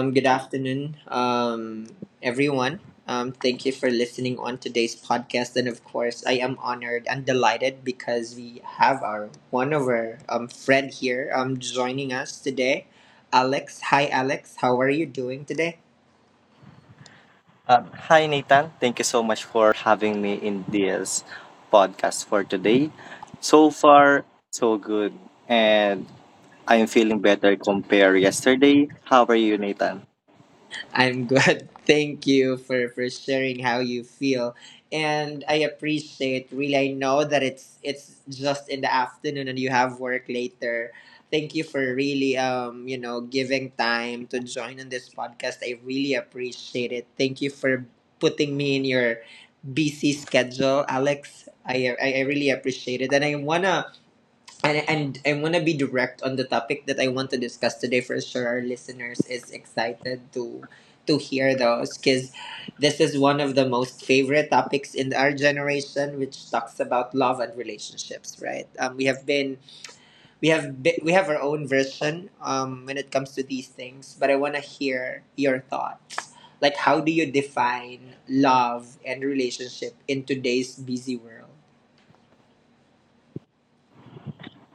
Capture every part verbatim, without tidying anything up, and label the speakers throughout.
Speaker 1: Um, good afternoon, um, everyone. Um, thank you for listening on today's podcast, and of course, I am honored and delighted because we have our one of our um friend here um joining us today, Alex. Hi, Alex. How are you doing today?
Speaker 2: Um, hi, Nathan. Thank you so much for having me in this podcast for today. So far, so good. And I'm feeling better compared yesterday. How are you, Nathan?
Speaker 1: I'm good. Thank you for for sharing how you feel, and I appreciate. Really, I know that it's it's just in the afternoon and you have work later. Thank you for really um you know giving time to join on this podcast. I really appreciate it. Thank you for putting me in your busy schedule, Alex. I I, I really appreciate it, and I wanna and and I want to be direct on the topic that I want to discuss today, for sure our listeners is excited to to hear those, cuz this is one of the most favorite topics in our generation, which talks about love and relationships, right? Um we have been we have be, we have our own version um when it comes to these things, but I want to hear your thoughts, like how do you define love and relationship in today's busy world?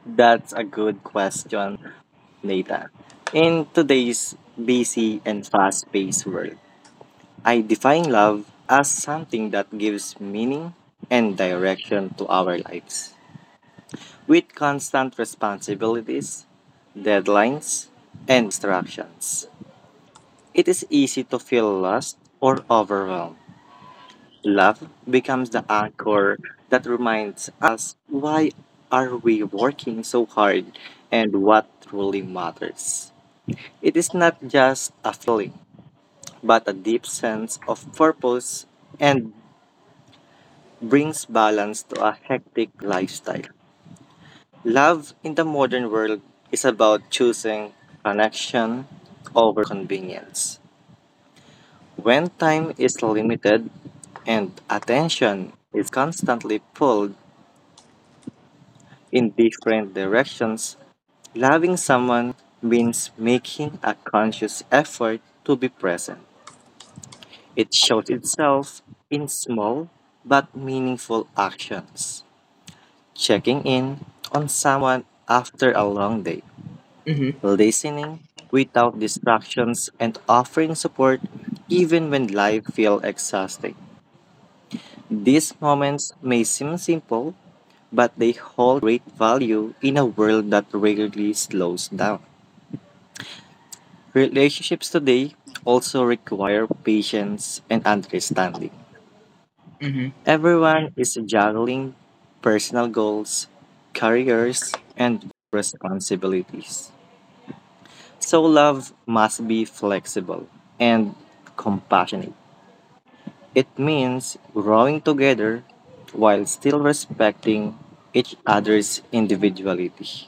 Speaker 2: That's a good question, Nathan. In today's busy and fast-paced world, I define love as something that gives meaning and direction to our lives. With constant responsibilities, deadlines, and distractions. It is easy to feel lost or overwhelmed. Love becomes the anchor that reminds us why are we working so hard and what truly matters. It is not just a feeling, but a deep sense of purpose and brings balance to a hectic lifestyle. Love in the modern world is about choosing connection over convenience. When time is limited and attention is constantly pulled in different directions, loving someone means making a conscious effort to be present. It shows itself in small but meaningful actions, checking in on someone after a long day,
Speaker 1: Mhm.
Speaker 2: listening without distractions, and offering support even when life feels exhausting. These moments may seem simple, but they hold great value in a world that rarely slows down. Relationships today also require patience and understanding.
Speaker 1: Mhm.
Speaker 2: Everyone is juggling personal goals, careers, and responsibilities. So, love must be flexible and compassionate. It means growing together while still respecting each other's individuality.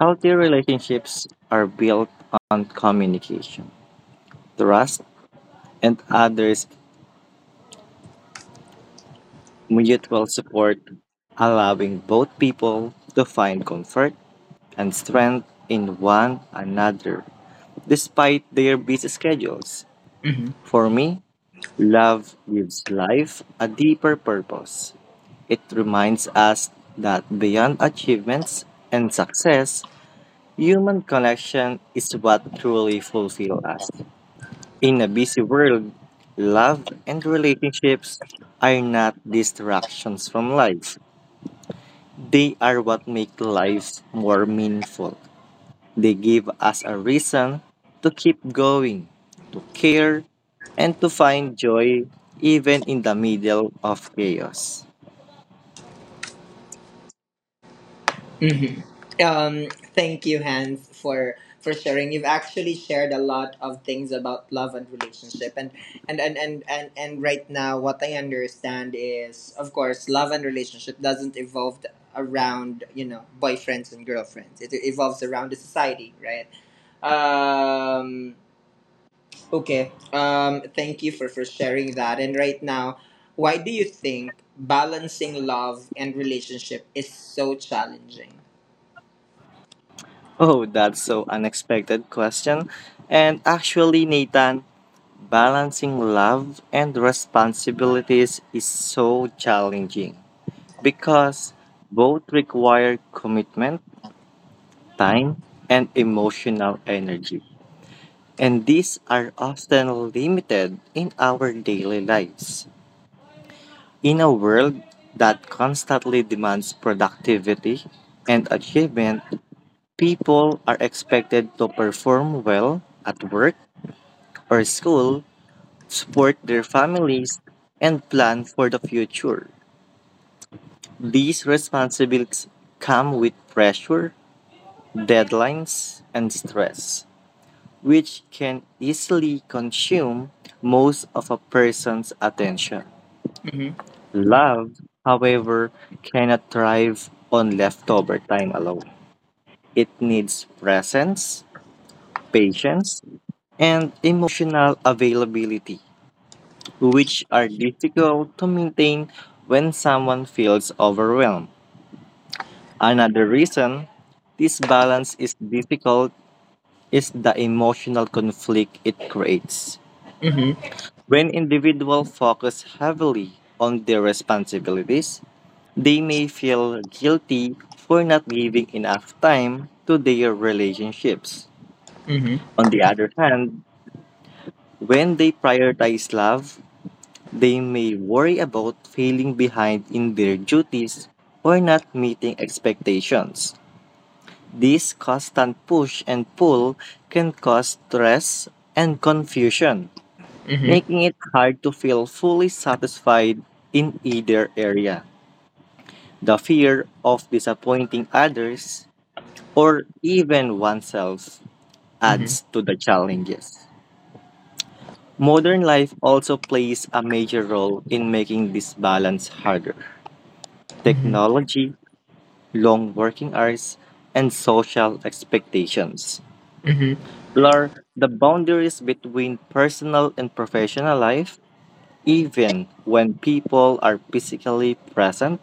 Speaker 2: Healthy relationships are built on communication, trust, and others' mutual support, allowing both people to find comfort and strength in one another despite their busy schedules.
Speaker 1: Mhm.
Speaker 2: For me, love gives life a deeper purpose. It reminds us that beyond achievements and success, human connection is what truly fulfills us. In a busy world, love and relationships are not distractions from life. They are what make life more meaningful. They give us a reason to keep going, to care, and to find joy even in the middle of chaos.
Speaker 1: Hmm. Um, thank you, Hans, for for sharing. You've actually shared a lot of things about love and relationship, and and and and and, and right now, what I understand is, of course, love and relationship doesn't evolve around you know boyfriends and girlfriends. It evolves around the society, right? Um, okay. Um, thank you for for sharing that. And right now, why do you think balancing love and relationship is so challenging?
Speaker 2: Oh, that's so unexpected question. And actually, Nathan, balancing love and responsibilities is so challenging because both require commitment, time, and emotional energy. And these are often limited in our daily lives. In a world that constantly demands productivity and achievement, people are expected to perform well at work or school, support their families, and plan for the future. These responsibilities come with pressure, deadlines, and stress, which can easily consume most of a person's attention. Love, however, cannot thrive on leftover time alone. It needs presence, patience, and emotional availability, which are difficult to maintain when someone feels overwhelmed. Another reason this balance is difficult is the emotional conflict it creates.
Speaker 1: Mhm,
Speaker 2: When individuals focus heavily on their responsibilities, they may feel guilty for not giving enough time to their relationships.
Speaker 1: mhm,
Speaker 2: On the other hand, when they prioritize love, they may worry about falling behind in their duties or not meeting expectations. This constant push and pull can cause stress and confusion,
Speaker 1: mhm,
Speaker 2: making it hard to feel fully satisfied in either area. The fear of disappointing others or even oneself
Speaker 1: mhm,
Speaker 2: adds to the challenges. Modern life also plays a major role in making this balance harder.
Speaker 1: mhm,
Speaker 2: Technology, long working hours, and social expectations
Speaker 1: mhm,
Speaker 2: blur the boundaries between personal and professional life. Even when people are physically present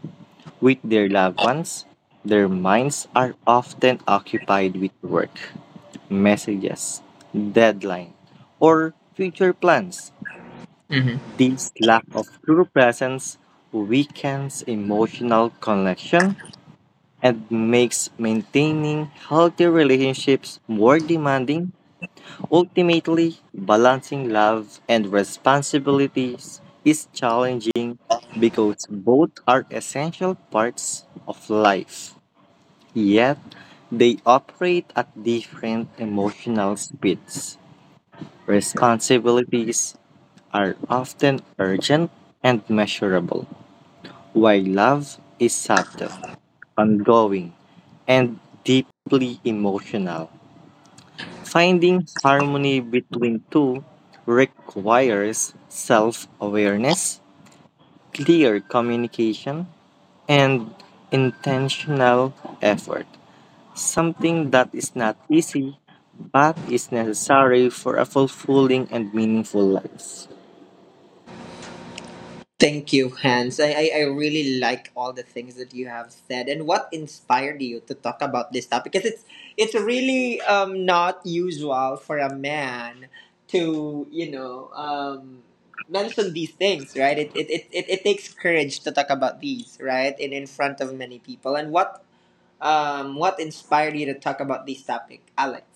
Speaker 2: with their loved ones, their minds are often occupied with work, messages, deadline, or future plans.
Speaker 1: mhm.
Speaker 2: This lack of true presence weakens emotional connection and makes maintaining healthy relationships more demanding. Ultimately, balancing love and responsibilities is challenging because both are essential parts of life. Yet, they operate at different emotional speeds. Responsibilities are often urgent and measurable, while love is subtle, ongoing, and deeply emotional. Finding harmony between two requires self awareness, clear communication, and intentional effort. Something that is not easy, but is necessary for a fulfilling and meaningful life.
Speaker 1: Thank you, Hans. I, I, I really like all the things that you have said, and what inspired you to talk about this topic, because it's it's really um not usual for a man to you know um mention these things, right? It it, it, it, it takes courage to talk about these, right? And in front of many people, and what um what inspired you to talk about this topic, Alex?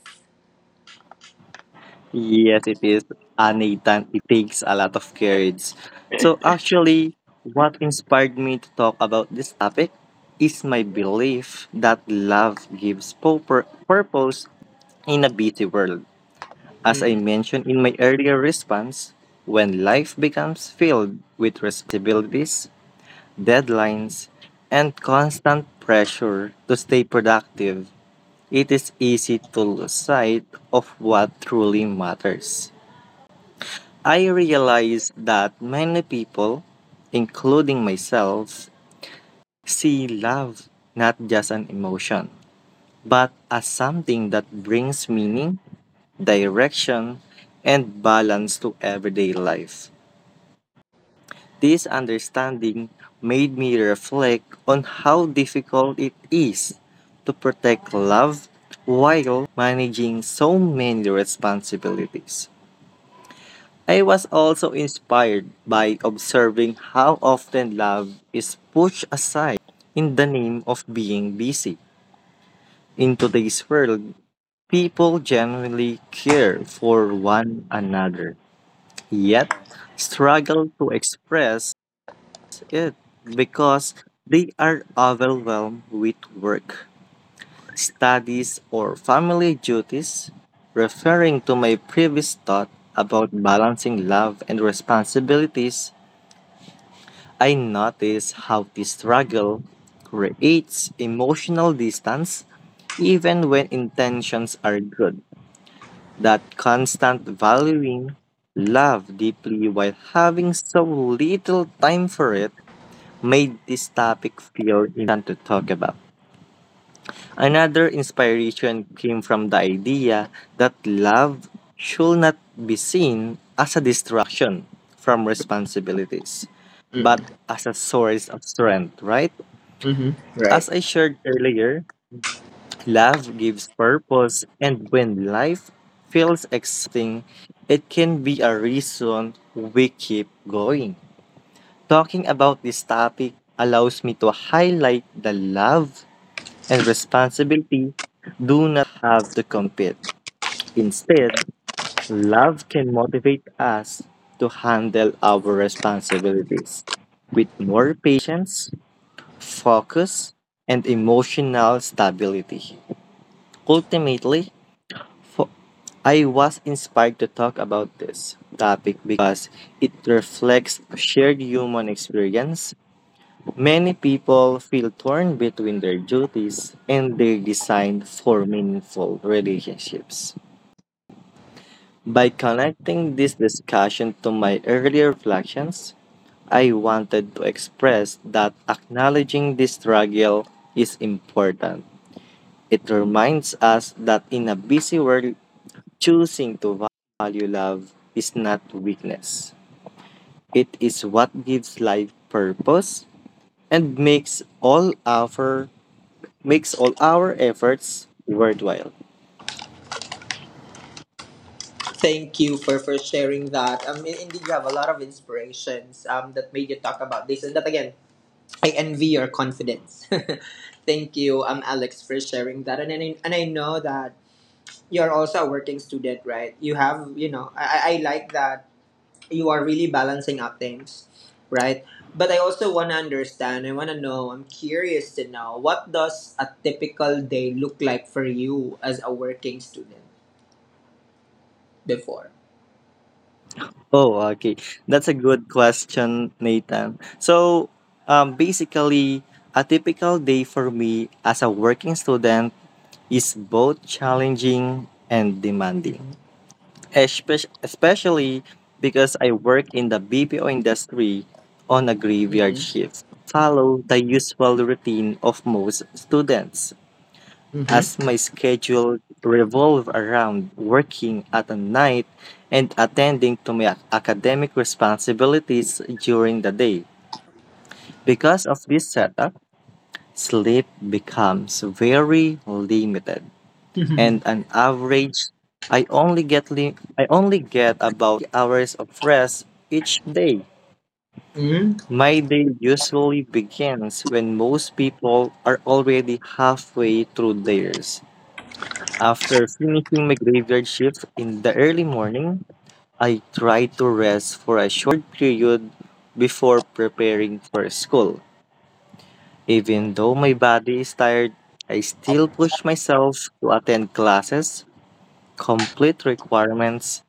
Speaker 2: Yes, it is, uh, Nathan. It takes a lot of courage. So, actually, what inspired me to talk about this topic is my belief that love gives purpo- purpose in a busy world. As I mentioned in my earlier response, when life becomes filled with responsibilities, deadlines, and constant pressure to stay productive, it is easy to lose sight of what truly matters. I realize that many people, including myself, see love not just an emotion, but as something that brings meaning, direction, and balance to everyday life. This understanding made me reflect on how difficult it is to protect love while managing so many responsibilities. I was also inspired by observing how often love is pushed aside in the name of being busy. In today's world, people genuinely care for one another yet struggle to express it because they are overwhelmed with work, studies, or family duties. Referring to my previous thought about balancing love and responsibilities, I notice how this struggle creates emotional distance even when intentions are good. That constant valuing love deeply while having so little time for it made this topic feel to talk about. Another inspiration came from the idea that love should not be seen as a distraction from responsibilities, but
Speaker 1: Mm-mm.
Speaker 2: as a source of strength, right?
Speaker 1: Mm-hmm. Right.
Speaker 2: As I shared earlier, love gives purpose, and when life feels exhausting, it can be a reason we keep going. Talking about this topic allows me to highlight the love and responsibility do not have to compete. Instead, love can motivate us to handle our responsibilities with more patience, focus, and emotional stability. Ultimately, fo- I was inspired to talk about this topic because it reflects a shared human experience. Many people feel torn between their duties and their design for meaningful relationships. By connecting this discussion to my earlier reflections, I wanted to express that acknowledging this struggle is important. It reminds us that in a busy world, choosing to value love is not weakness. It is what gives life purpose and makes all our makes all our efforts worthwhile.
Speaker 1: Thank you for for sharing that. Um, mean, indeed, you have a lot of inspirations um, that made you talk about this, and that again, I envy your confidence. Thank you, um, Alex, for sharing that, and and I, and I know that you're also a working student, right? You have, you know, I I I like that you are really balancing out things, right? But I also want to understand. I want to know. I'm curious to know, what does a typical day look like for you as a working student before?
Speaker 2: Oh, okay. That's a good question, Nathan. So, um, basically, a typical day for me as a working student is both challenging and demanding.
Speaker 1: Mm-hmm.
Speaker 2: espe- especially because I work in the B P O industry on a graveyard
Speaker 1: Mm-hmm.
Speaker 2: shift. Follow the usual routine of most students, as my schedule revolve around working at night and attending to my ac- academic responsibilities during the day. Because of this setup, sleep becomes very limited.
Speaker 1: Mm-hmm.
Speaker 2: And on average, I only get li- I only get about hours of rest each day.
Speaker 1: Mm-hmm.
Speaker 2: My day usually begins when most people are already halfway through theirs. After finishing my graveyard shift in the early morning, I try to rest for a short period before preparing for school. Even though my body is tired, I still push myself to attend classes, complete requirements,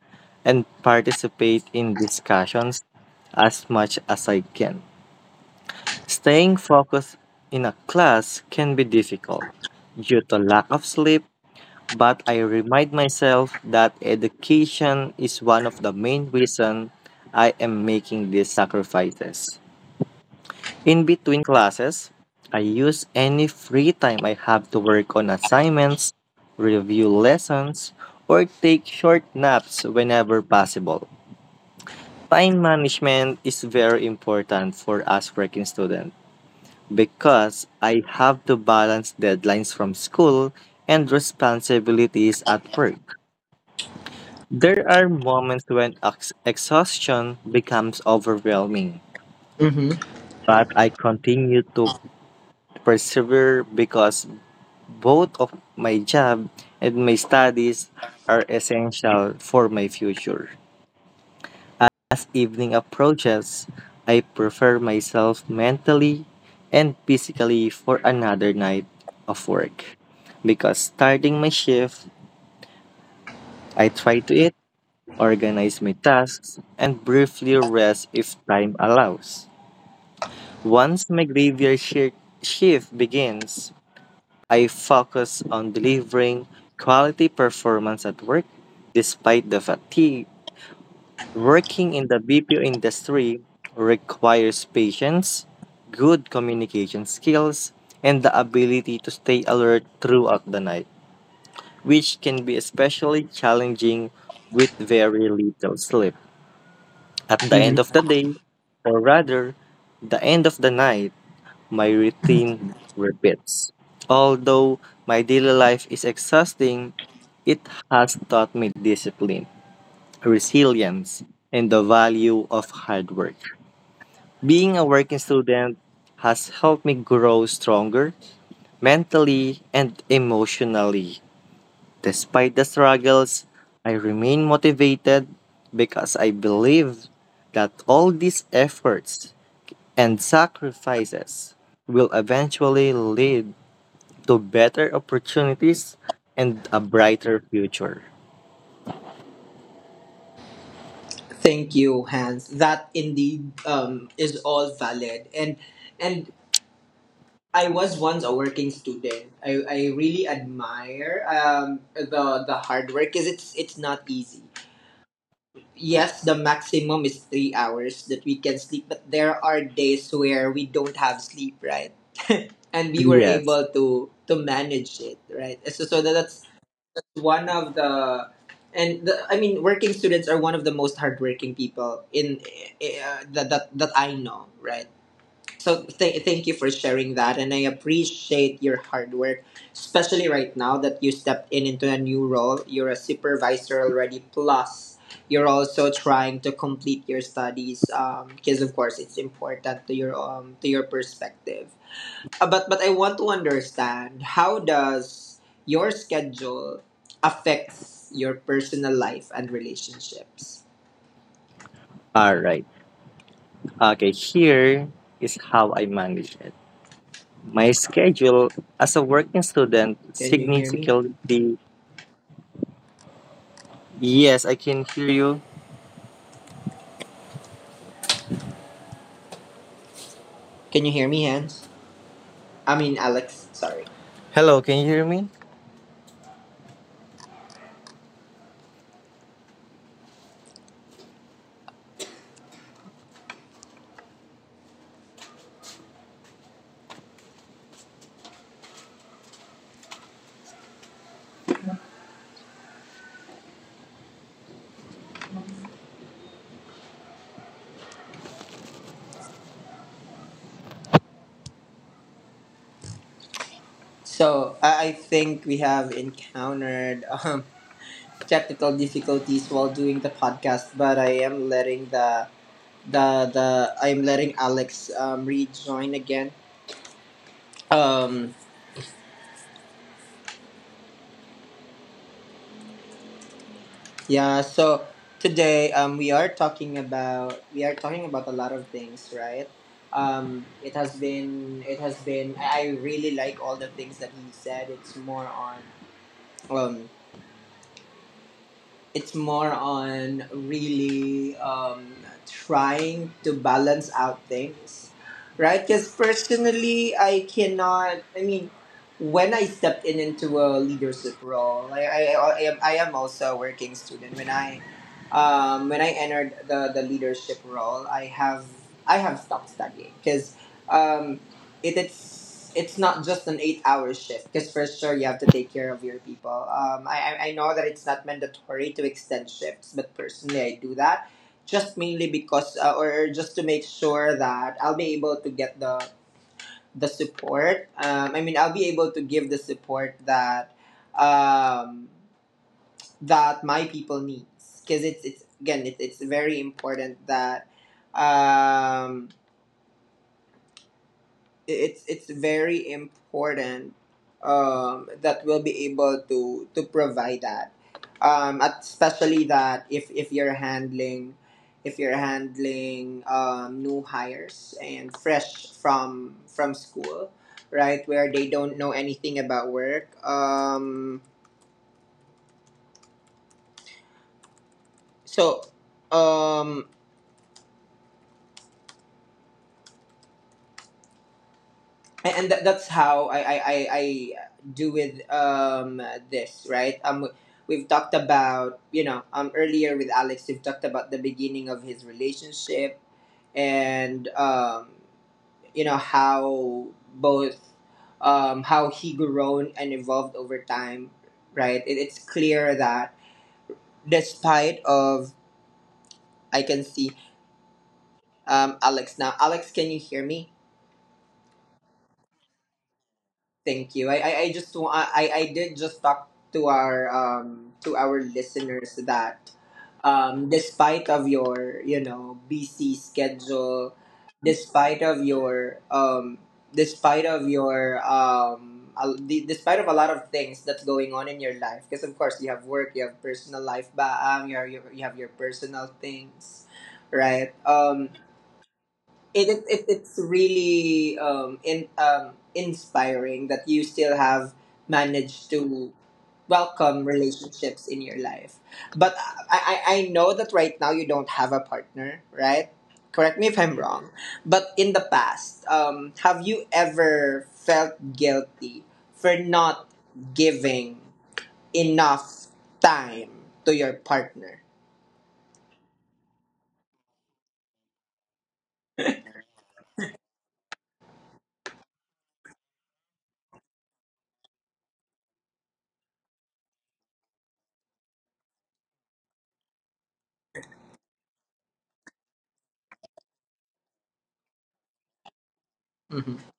Speaker 2: and participate in discussions as much as I can. Staying focused in a class can be difficult due to lack of sleep, but I remind myself that education is one of the main reasons I am making these sacrifices. In between classes, I use any free time I have to work on assignments, review lessons, or take short naps whenever possible. Time management is very important for us working students because I have to balance deadlines from school and responsibilities at work. There are moments when ex- exhaustion becomes overwhelming,
Speaker 1: Mm-hmm.
Speaker 2: but I continue to persevere because both of my job and my studies are essential for my future. As evening approaches, I prepare myself mentally and physically for another night of work. Because starting my shift, I try to eat, organize my tasks, and briefly rest if time allows. Once my graveyard shi- shift begins, I focus on delivering quality performance at work despite the fatigue. Working in the B P O industry requires patience, good communication skills, and the ability to stay alert throughout the night, which can be especially challenging with very little sleep. At the end of the day, or rather, the end of the night, my routine repeats. Although my daily life is exhausting, it has taught me discipline, resilience, and the value of hard work. Being a working student has helped me grow stronger mentally and emotionally. Despite the struggles, I remain motivated because I believe that all these efforts and sacrifices will eventually lead to better opportunities and a brighter future.
Speaker 1: Thank you, Hans. That indeed um, is all valid. And and I was once a working student. I, I really admire um, the the hard work because it's it's not easy. Yes, the maximum is three hours that we can sleep, but there are days where we don't have sleep, right? And we were
Speaker 2: Yes.
Speaker 1: able to to manage it, right? So so that's one of the, and the, I mean working students are one of the most hardworking people in uh, that, that that I know, right? So th- thank you for sharing that, and I appreciate your hard work, especially right now that you stepped in into a new role. You're a supervisor already, plus you're also trying to complete your studies because of course it's important to your um to your perspective. Uh, but but I want to understand, how does your schedule affects your personal life and relationships?
Speaker 2: All right. Okay, here is how I manage it. My schedule as a working student
Speaker 1: Can you hear me?
Speaker 2: significantly— yes, I can hear you.
Speaker 1: Can you hear me, Hans? I mean, Alex. Sorry.
Speaker 2: Hello, can you hear me?
Speaker 1: So I I think we have encountered um, technical difficulties while doing the podcast, but I am letting the the the I'm letting Alex um, rejoin again. Um, Yeah, so today um we are talking about, we are talking about a lot of things, right? Um it has been, it has been I I really like all the things that he said. It's more on um it's more on really um, trying to balance out things, right? Because personally, I cannot. I mean, when I stepped in into a leadership role, I I, I am, I am also a working student. When I um, when I entered the the leadership role, I have I have stopped studying because it it's it's not just an eight hour shift, because for sure you have to take care of your people. Um I, I I know that it's not mandatory to extend shifts, but personally I do that just mainly because uh, or just to make sure that I'll be able to get the the support, um i mean I'll be able to give the support that um that my people needs, because it's it's again, it's, it's very important that um it's it's very important um, that we'll be able to to provide that um, at- especially that if if you're handling if you're handling um, new hires and fresh from from school, right? Where they don't know anything about work. um, so um, and, and that, that's how I, I, I, I do with um this, right? um we've talked about you know um earlier with Alex, we've talked about the beginning of his relationship and, um you know how both um how he grown and evolved over time, right? It, it's clear that despite of, I can see um Alex now. Alex, can you hear me? Thank you. I I, I just wa- I I did just talk to our um to our listeners that um despite of your you know busy schedule, despite of your um despite of your um a- the- despite of a lot of things that's going on in your life, because of course you have work, you have personal life, ba um you are, you you have your personal things, right? Um it, it, it it's really um in um inspiring that you still have managed to welcome relationships in your life. But I, I I know that right now you don't have a partner, right? Correct me if I'm wrong. But in the past, um, have you ever felt guilty for not giving enough time to your partner? Mm-hmm.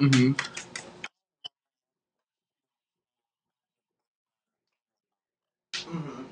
Speaker 1: Mm-hmm. Mm-hmm.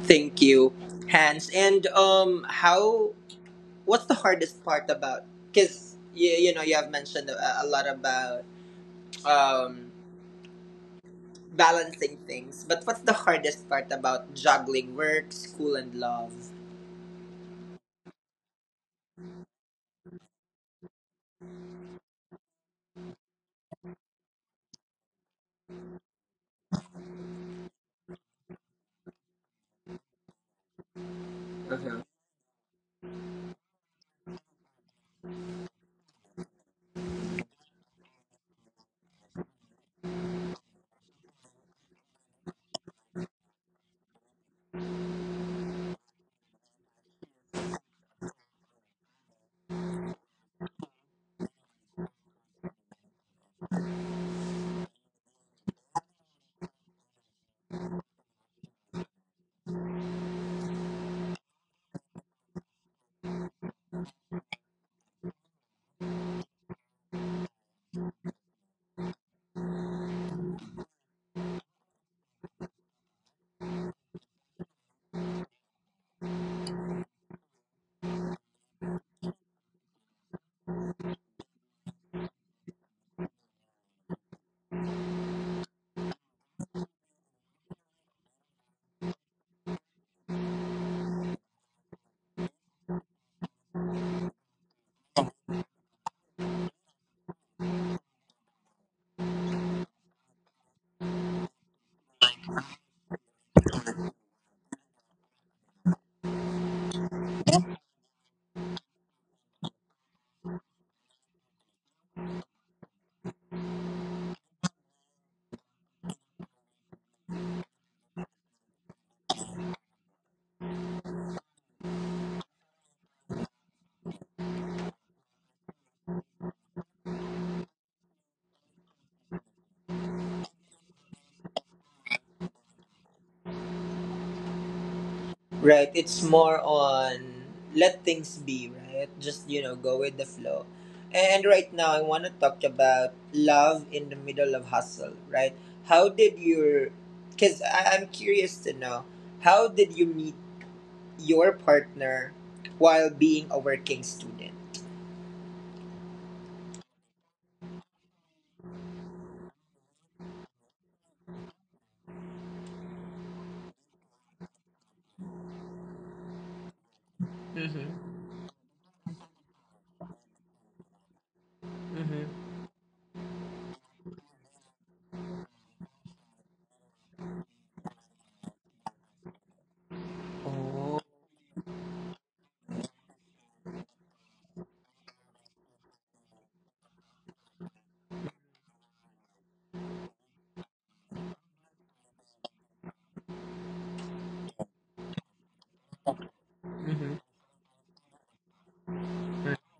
Speaker 1: Thank you, Hans. And um, how? What's the hardest part about? Because you, you know you have mentioned a, a lot about um, balancing things, but what's the hardest part about juggling work, school, and love? Uh-huh. Right. It's more on let things be. Right. Just you know go with the flow. And right now, I want to talk about love in the middle of hustle. Right. How did your? Because I'm curious to know, how did you meet your partner while being a working student? Mm-hmm. Mm-hmm. Oh. Mm-hmm.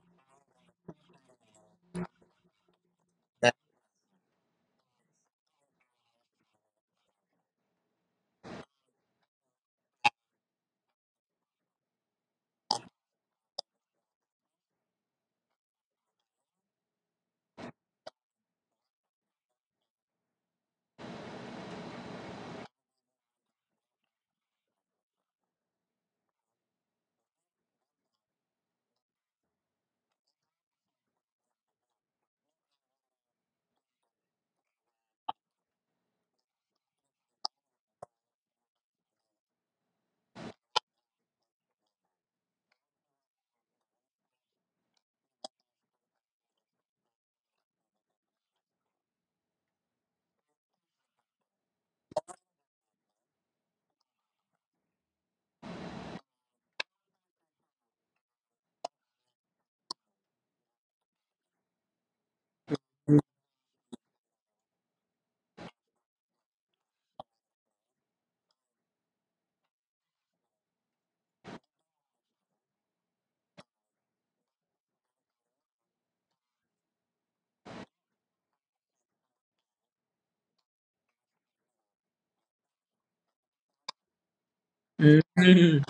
Speaker 1: Mhm.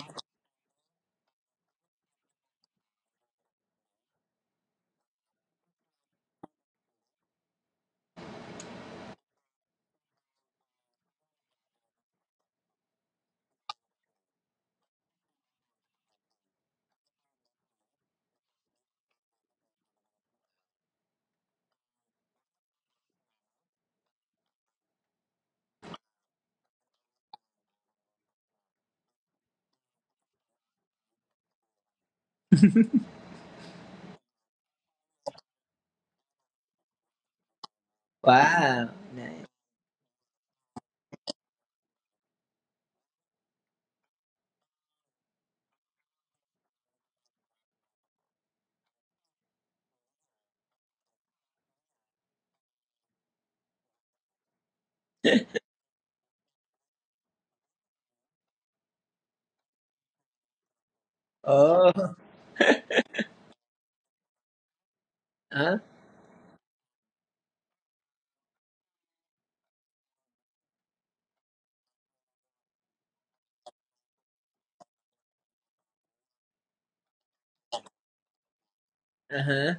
Speaker 1: Wow. Nice. Oh, huh? Uh huh.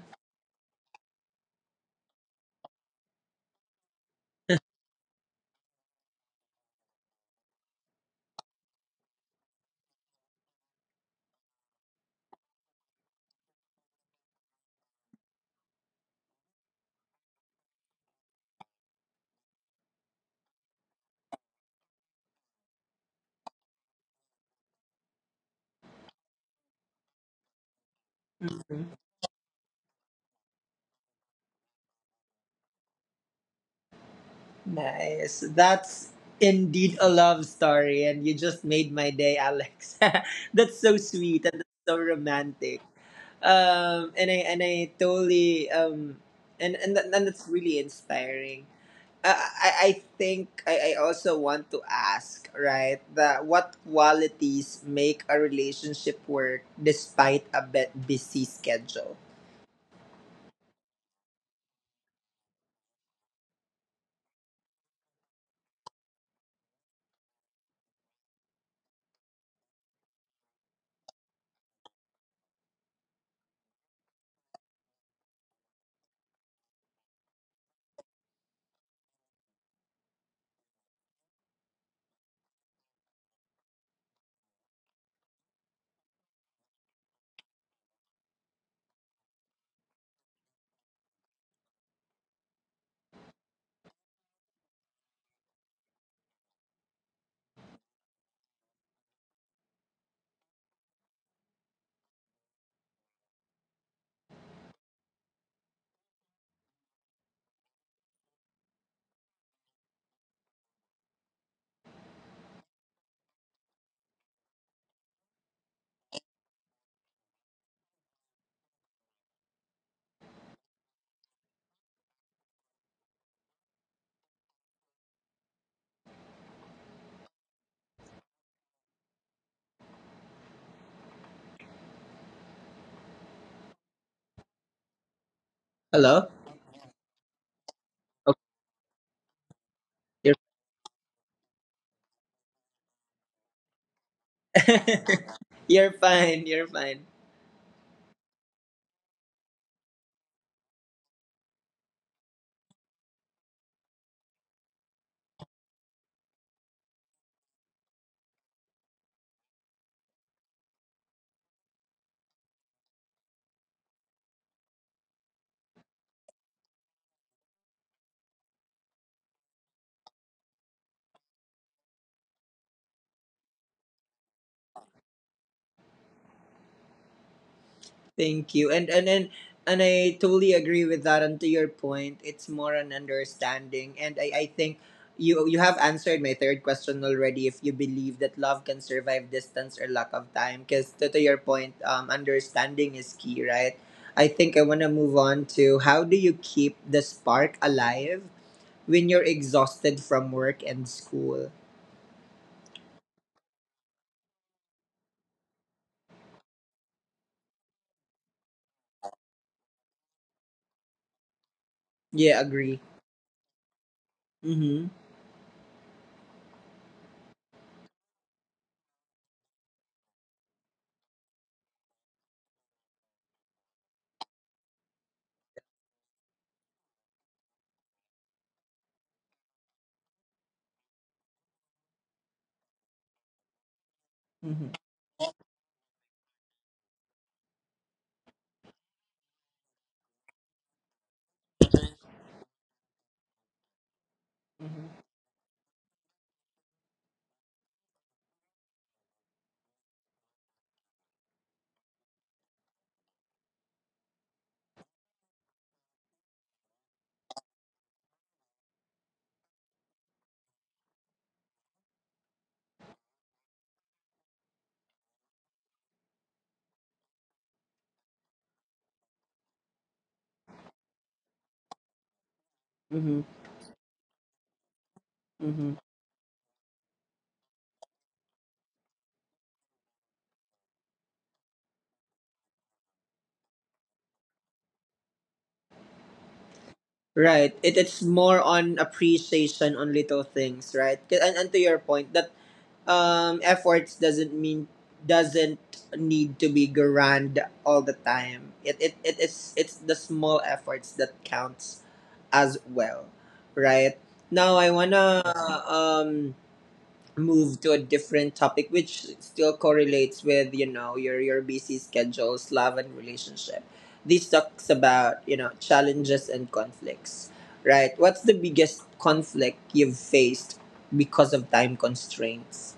Speaker 1: Mm-hmm. Nice. That's indeed a love story, and you just made my day, Alex. That's so sweet and that's so romantic. Um, and I and I totally um, and and, that, and that's really inspiring. Uh, I, I think I, I also want to ask, right, that what qualities make a relationship work despite a bit busy schedule? Hello? You're, you're fine, you're fine. Thank you. And and and and I totally agree with that. And to your point, it's more an understanding. And I, I think you you have answered my third question already, if you believe that love can survive distance or lack of time. Because to, to your point, um, understanding is key, right? I think I want to move on to, how do you keep the spark alive when you're exhausted from work and school? Yeah, agree. Mm-hmm. Mm-hmm. Mm-hmm. Mm-hmm. Mm-hmm. Right. It, it's more on appreciation on little things, right? 'Cause- And, and to your point that um efforts doesn't mean, doesn't need to be grand all the time. It it it is it's the small efforts that counts as well, right? Now I wanna um move to a different topic which still correlates with you know your your busy schedules, love and relationship. This talks about you know challenges and conflicts, right? What's the biggest conflict you've faced because of time constraints?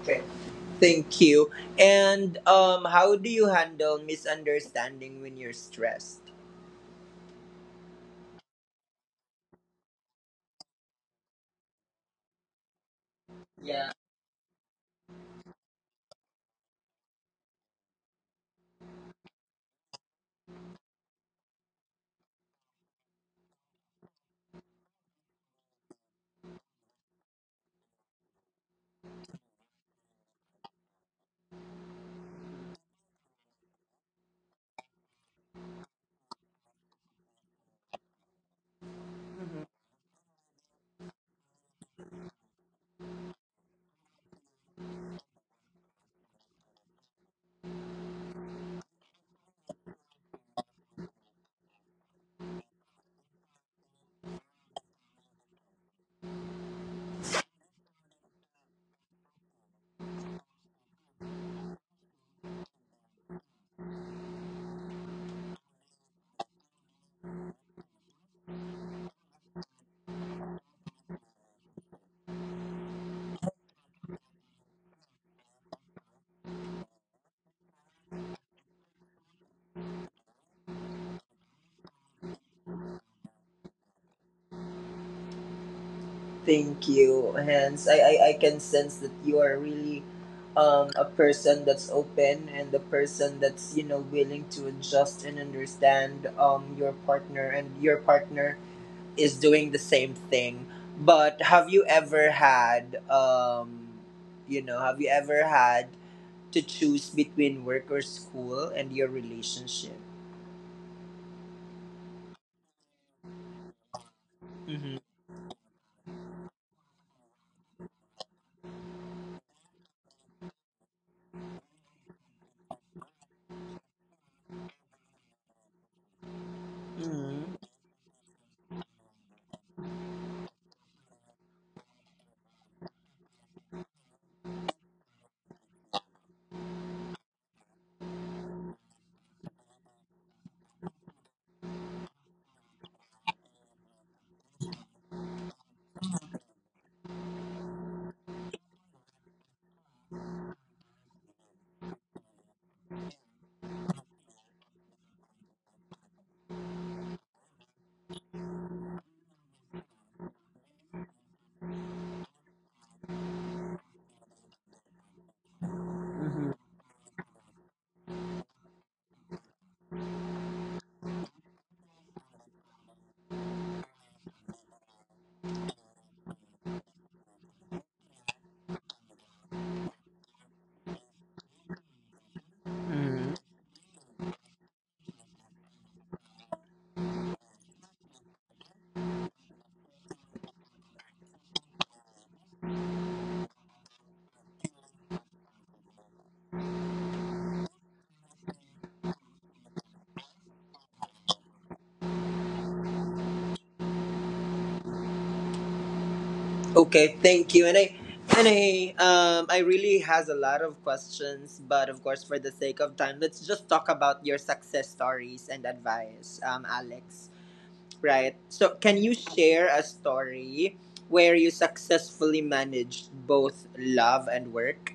Speaker 1: Okay, thank you. And um how do you handle misunderstanding when you're stressed? Thank you, Hans. I, I, I can sense that you are really um, a person that's open and a person that's, you know, willing to adjust and understand um, your partner, and your partner is doing the same thing. But have you ever had, um, you know, have you ever had to choose between work or school and your relationship? Mm-hmm. Mm-hmm. Mm-hmm. Okay, thank you. And I and I um I really has a lot of questions, but of course for the sake of time, let's just talk about your success stories and advice, um Alex. Right. So can you share a story where you successfully managed both love and work?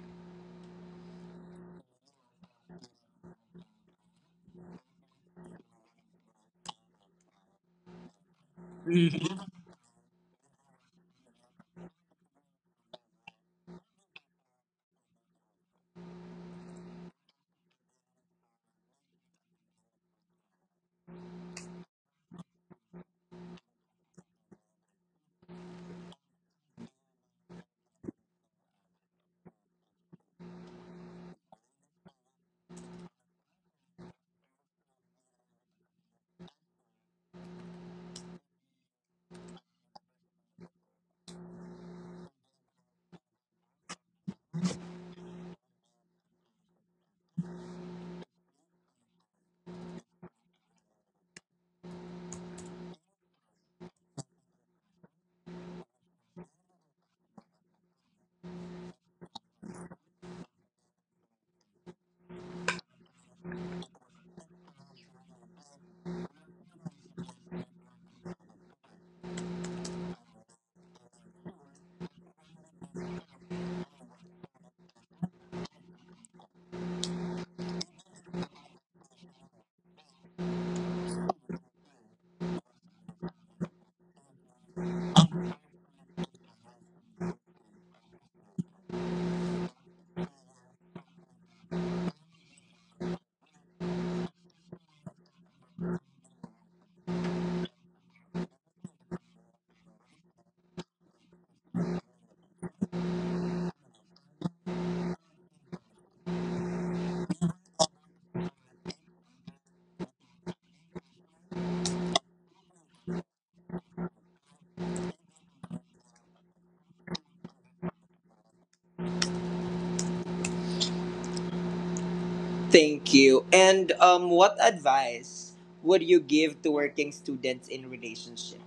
Speaker 1: Thank you. And um what advice would you give to working students in relationship?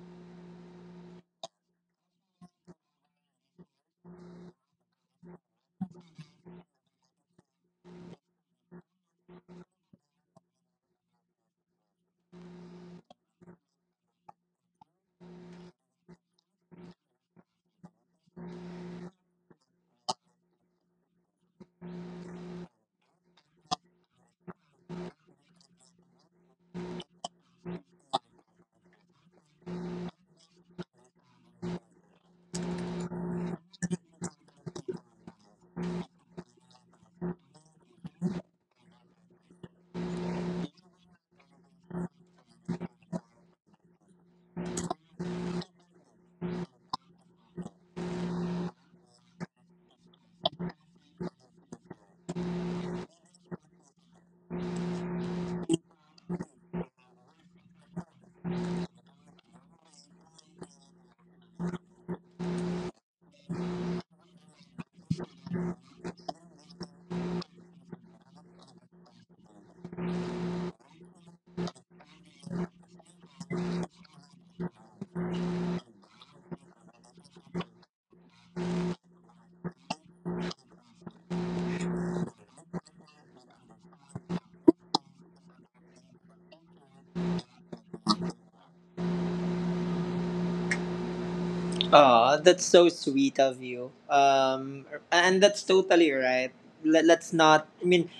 Speaker 1: Aw, that's so sweet of you. Um, and that's totally right. Let, let's not. I mean,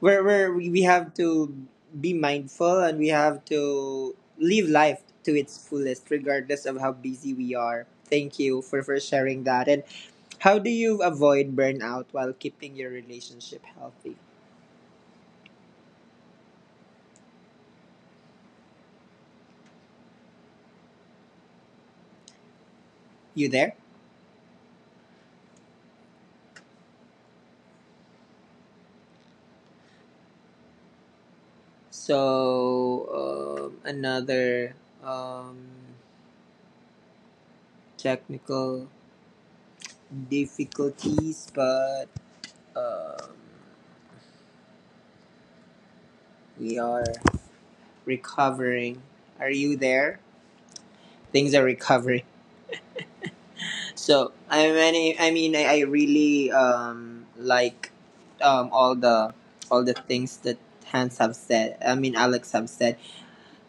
Speaker 1: we're, we're we have to be mindful, and we have to live life to its fullest, regardless of how busy we are. Thank you for for sharing that. And how do you avoid burnout while keeping your relationship healthy? You there? So um, another um, technical difficulties, but um, we are recovering. Are you there? Things are recovering. So I mean, I, I mean, I, I really um like um all the, all the things that Hans have said. I mean, Alex have said.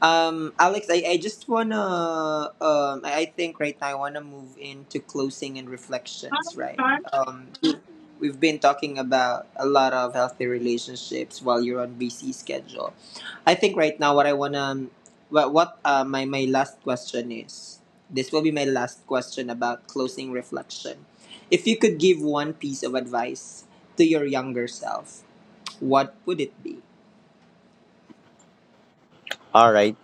Speaker 1: Um, Alex, I, I just wanna um I I think right now I wanna move into closing and reflections, right? Um we- we've been talking about a lot of healthy relationships while you're on busy schedule. I think right now what I wanna um, what what uh, my my last question is. This will be my last question about closing reflection. If you could give one piece of advice to your younger self, what would it be?
Speaker 2: All right,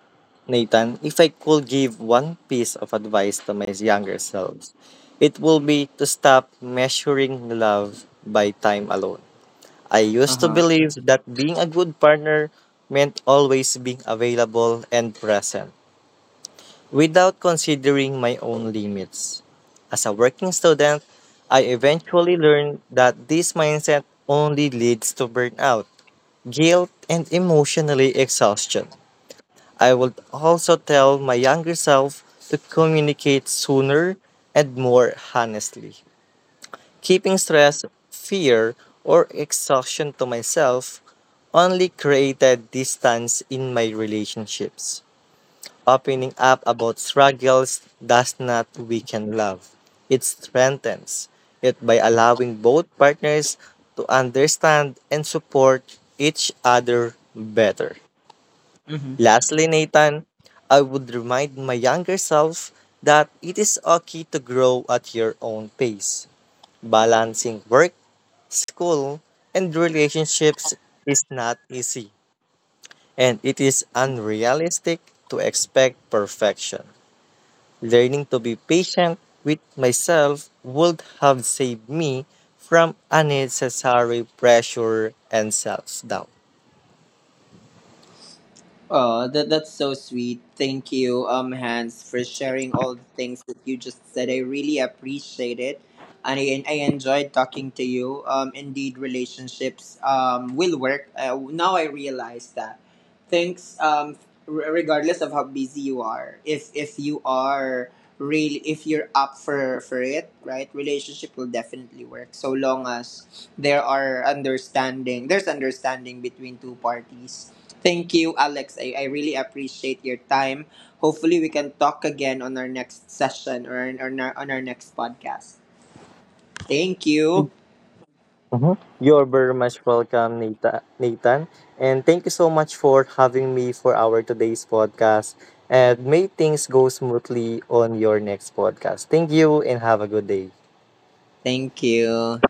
Speaker 2: Nathan, if I could give one piece of advice to my younger self, it will be to stop measuring love by time alone. I used to believe that being a good partner meant always being available and present without considering my own limits. As a working student, I eventually learned that this mindset only leads to burnout, guilt, and emotionally exhaustion. I would also tell my younger self to communicate sooner and more honestly. Keeping stress, fear, or exhaustion to myself only created distance in my relationships. Opening up about struggles does not weaken love, it strengthens it by allowing both partners to understand and support each other better. Lastly, Nathan, I would remind my younger self that it is okay to grow at your own pace. Balancing work, school, and relationships is not easy, and it is unrealistic to expect perfection. Learning to be patient with myself would have saved me from unnecessary pressure and self doubt.
Speaker 1: Oh, that that's so sweet. Thank you, um, Hans, for sharing all the things that you just said. I really appreciate it, and I, I enjoyed talking to you. Um, indeed, relationships um will work. Uh, now I realize that. Thanks. Um, r- regardless of how busy you are, if if you are really, if you're up for for it, right, relationship will definitely work. So long as there are understanding, there's understanding between two parties. Thank you, Alex. I, I really appreciate your time. Hopefully we can talk again on our next session, or on our, on our next podcast. Thank you.
Speaker 2: Mhm. You're very much welcome, Nata- Nathan. And thank you so much for having me for our today's podcast. And may things go smoothly on your next podcast. Thank you and have a good day.
Speaker 1: Thank you.